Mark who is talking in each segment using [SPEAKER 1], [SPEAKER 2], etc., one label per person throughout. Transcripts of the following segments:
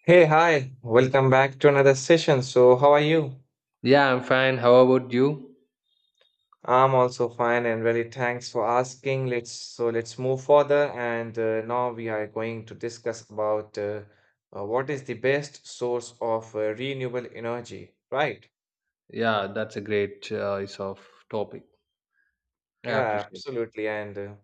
[SPEAKER 1] Hey, hi, welcome back to another session. So, how are you?
[SPEAKER 2] Yeah, I'm fine. How about you?
[SPEAKER 1] I'm also fine and really thanks for asking. Let's move further and now we are going to discuss about what is the best source of renewable energy, right?
[SPEAKER 2] Yeah, that's a great choice of topic. I
[SPEAKER 1] Yeah,
[SPEAKER 2] appreciate it.
[SPEAKER 1] absolutely. And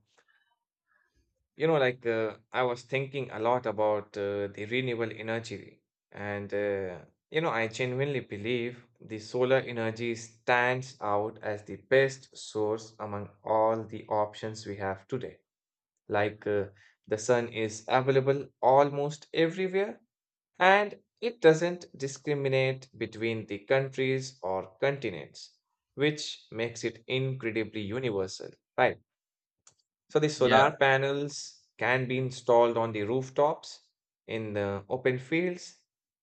[SPEAKER 1] You know, like I was thinking a lot about the renewable energy, and you know, I genuinely believe the solar energy stands out as the best source among all the options we have today. Like uh, the sun is available almost everywhere, and it doesn't discriminate between the countries or continents, which makes it incredibly universal, right? So the
[SPEAKER 2] Yeah,
[SPEAKER 1] solar panels can be installed on the rooftops, in the open fields,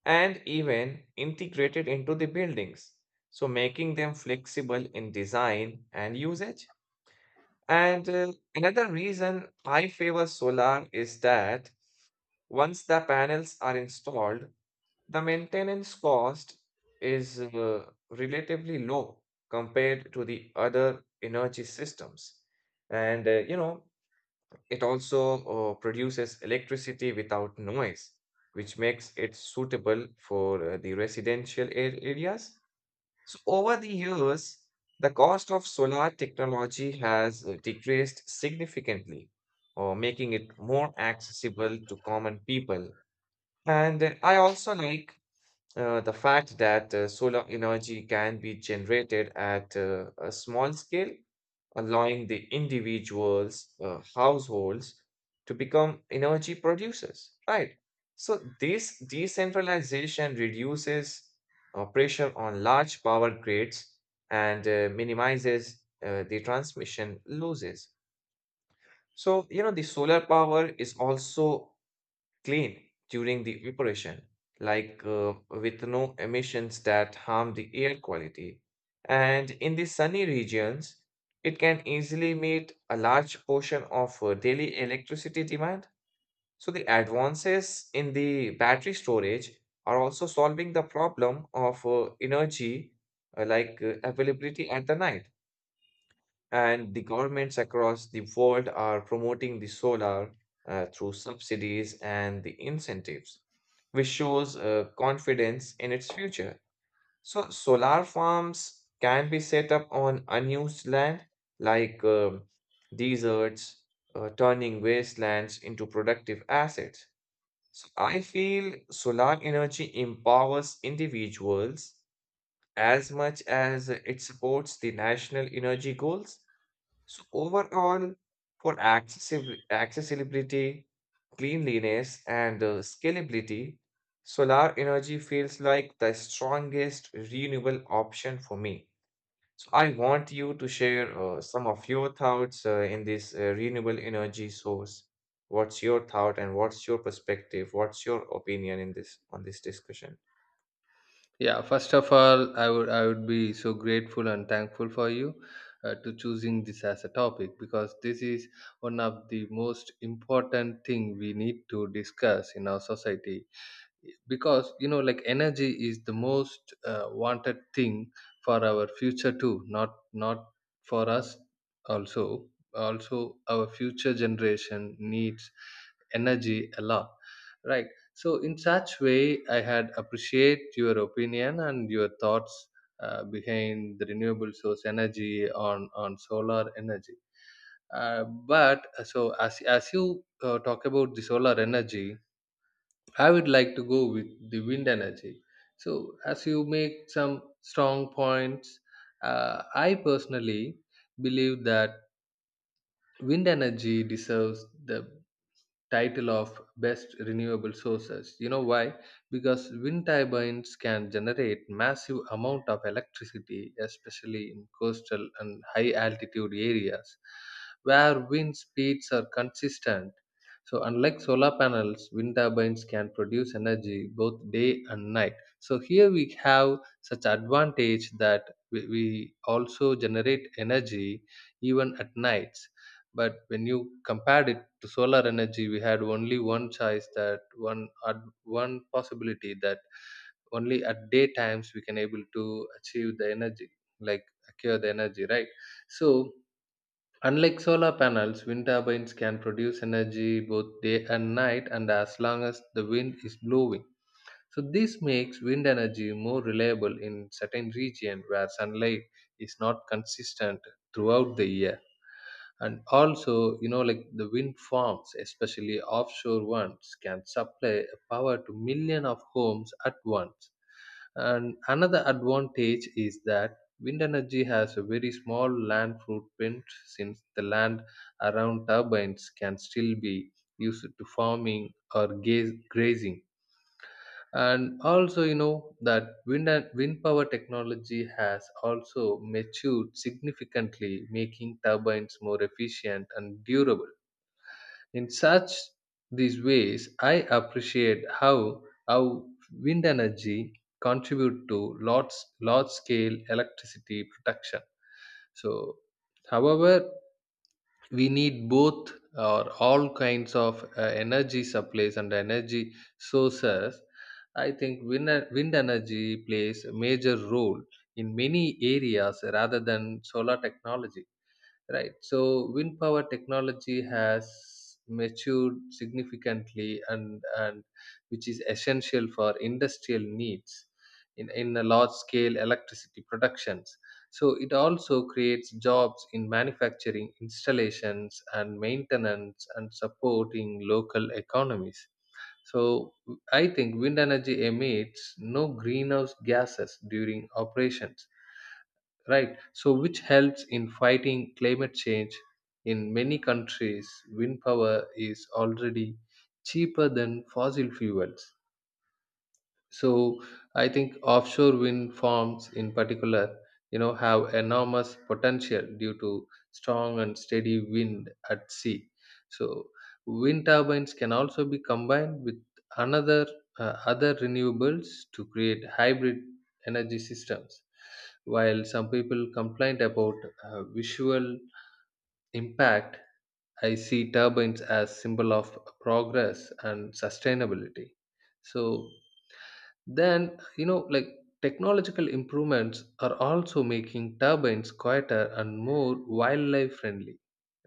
[SPEAKER 1] and even integrated into the buildings, so making them flexible in design and usage. And another reason I favor solar is that once the panels are installed, the maintenance cost is relatively low compared to the other energy systems. And you know, it also produces electricity without noise, which makes it suitable for the residential areas. So, over the years, the cost of solar technology has decreased significantly, making it more accessible to common people. And I also like the fact that solar energy can be generated at a small scale, allowing the individuals, households to become energy producers, right? So this decentralization reduces pressure on large power grids and minimizes the transmission losses. So, you know, the solar power is also clean during the operation, with no emissions that harm the air quality. And in the sunny regions, it can easily meet a large portion of daily electricity demand. So, the advances in the battery storage are also solving the problem of energy availability at the night. And the governments across the world are promoting the solar through subsidies and the incentives, which shows confidence in its future. So, solar farms can be set up on unused land like um, deserts, turning wastelands into productive assets. So, I feel solar energy empowers individuals as much as it supports the national energy goals. So overall, for accessibility, cleanliness, and scalability, solar energy feels like the strongest renewable option for me. So I want you to share some of your thoughts in this renewable energy source. What's your thought and what's your perspective? What's your opinion in this on this discussion?
[SPEAKER 2] yeah. First of all, I would be so grateful and thankful for you to choosing this as a topic, because this is one of the most important thing we need to discuss in our society, because you know like energy is the most wanted thing for our future too, not for us also, also our future generation needs energy a lot, right? So in such way I had appreciate your opinion and your thoughts behind the renewable source energy on solar energy. But so as you talk about the solar energy, I would like to go with the wind energy. So, as you make some strong points, I personally believe that wind energy deserves the title of best renewable sources. You know why? Because wind turbines can generate massive amount of electricity, especially in coastal and high altitude areas where wind speeds are consistent. So unlike solar panels, wind turbines can produce energy both day and night. So here we have such advantage that we also generate energy even at night. But when you compared it to solar energy, we had only one choice, that one possibility, that only at day times we can able to achieve the energy, like acquire the energy, right? So unlike solar panels, wind turbines can produce energy both day and night, and as long as the wind is blowing. So this makes wind energy more reliable in certain region where sunlight is not consistent throughout the year. And also you know like the wind farms, especially offshore ones, can supply power to millions of homes at once. And another advantage is that wind energy has a very small land footprint, since the land around turbines can still be used to farming or grazing. And also you know that wind and wind power technology has also matured significantly, making turbines more efficient and durable. In such these ways I appreciate how how wind energy contribute to large scale electricity production. So however, we need both or all kinds of energy supplies and energy sources. I think wind energy plays a major role in many areas rather than solar technology. Right. So wind power technology has matured significantly, and which is essential for industrial needs, in a large scale electricity productions. So it also creates jobs in manufacturing, installations and maintenance, and supporting local economies. So I think wind energy emits no greenhouse gases during operations, right? So which helps in fighting climate change. In many countries wind power is already cheaper than fossil fuels. So I think offshore wind farms in particular, you know, have enormous potential due to strong and steady wind at sea. So wind turbines can also be combined with another other renewables to create hybrid energy systems. While some people complained about visual impact, I see turbines as symbol of progress and sustainability. So then, you know, like technological improvements are also making turbines quieter and more wildlife friendly,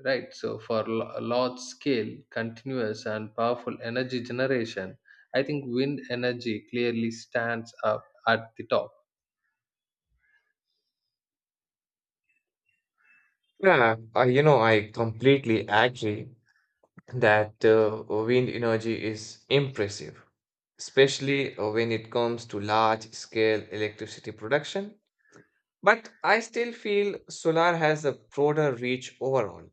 [SPEAKER 2] right? So, for large scale, continuous, and powerful energy generation, I think wind energy clearly stands up at the top.
[SPEAKER 1] Yeah, I, you know, I completely agree that wind energy is impressive, especially when it comes to large scale electricity production. But I still feel solar has a broader reach overall.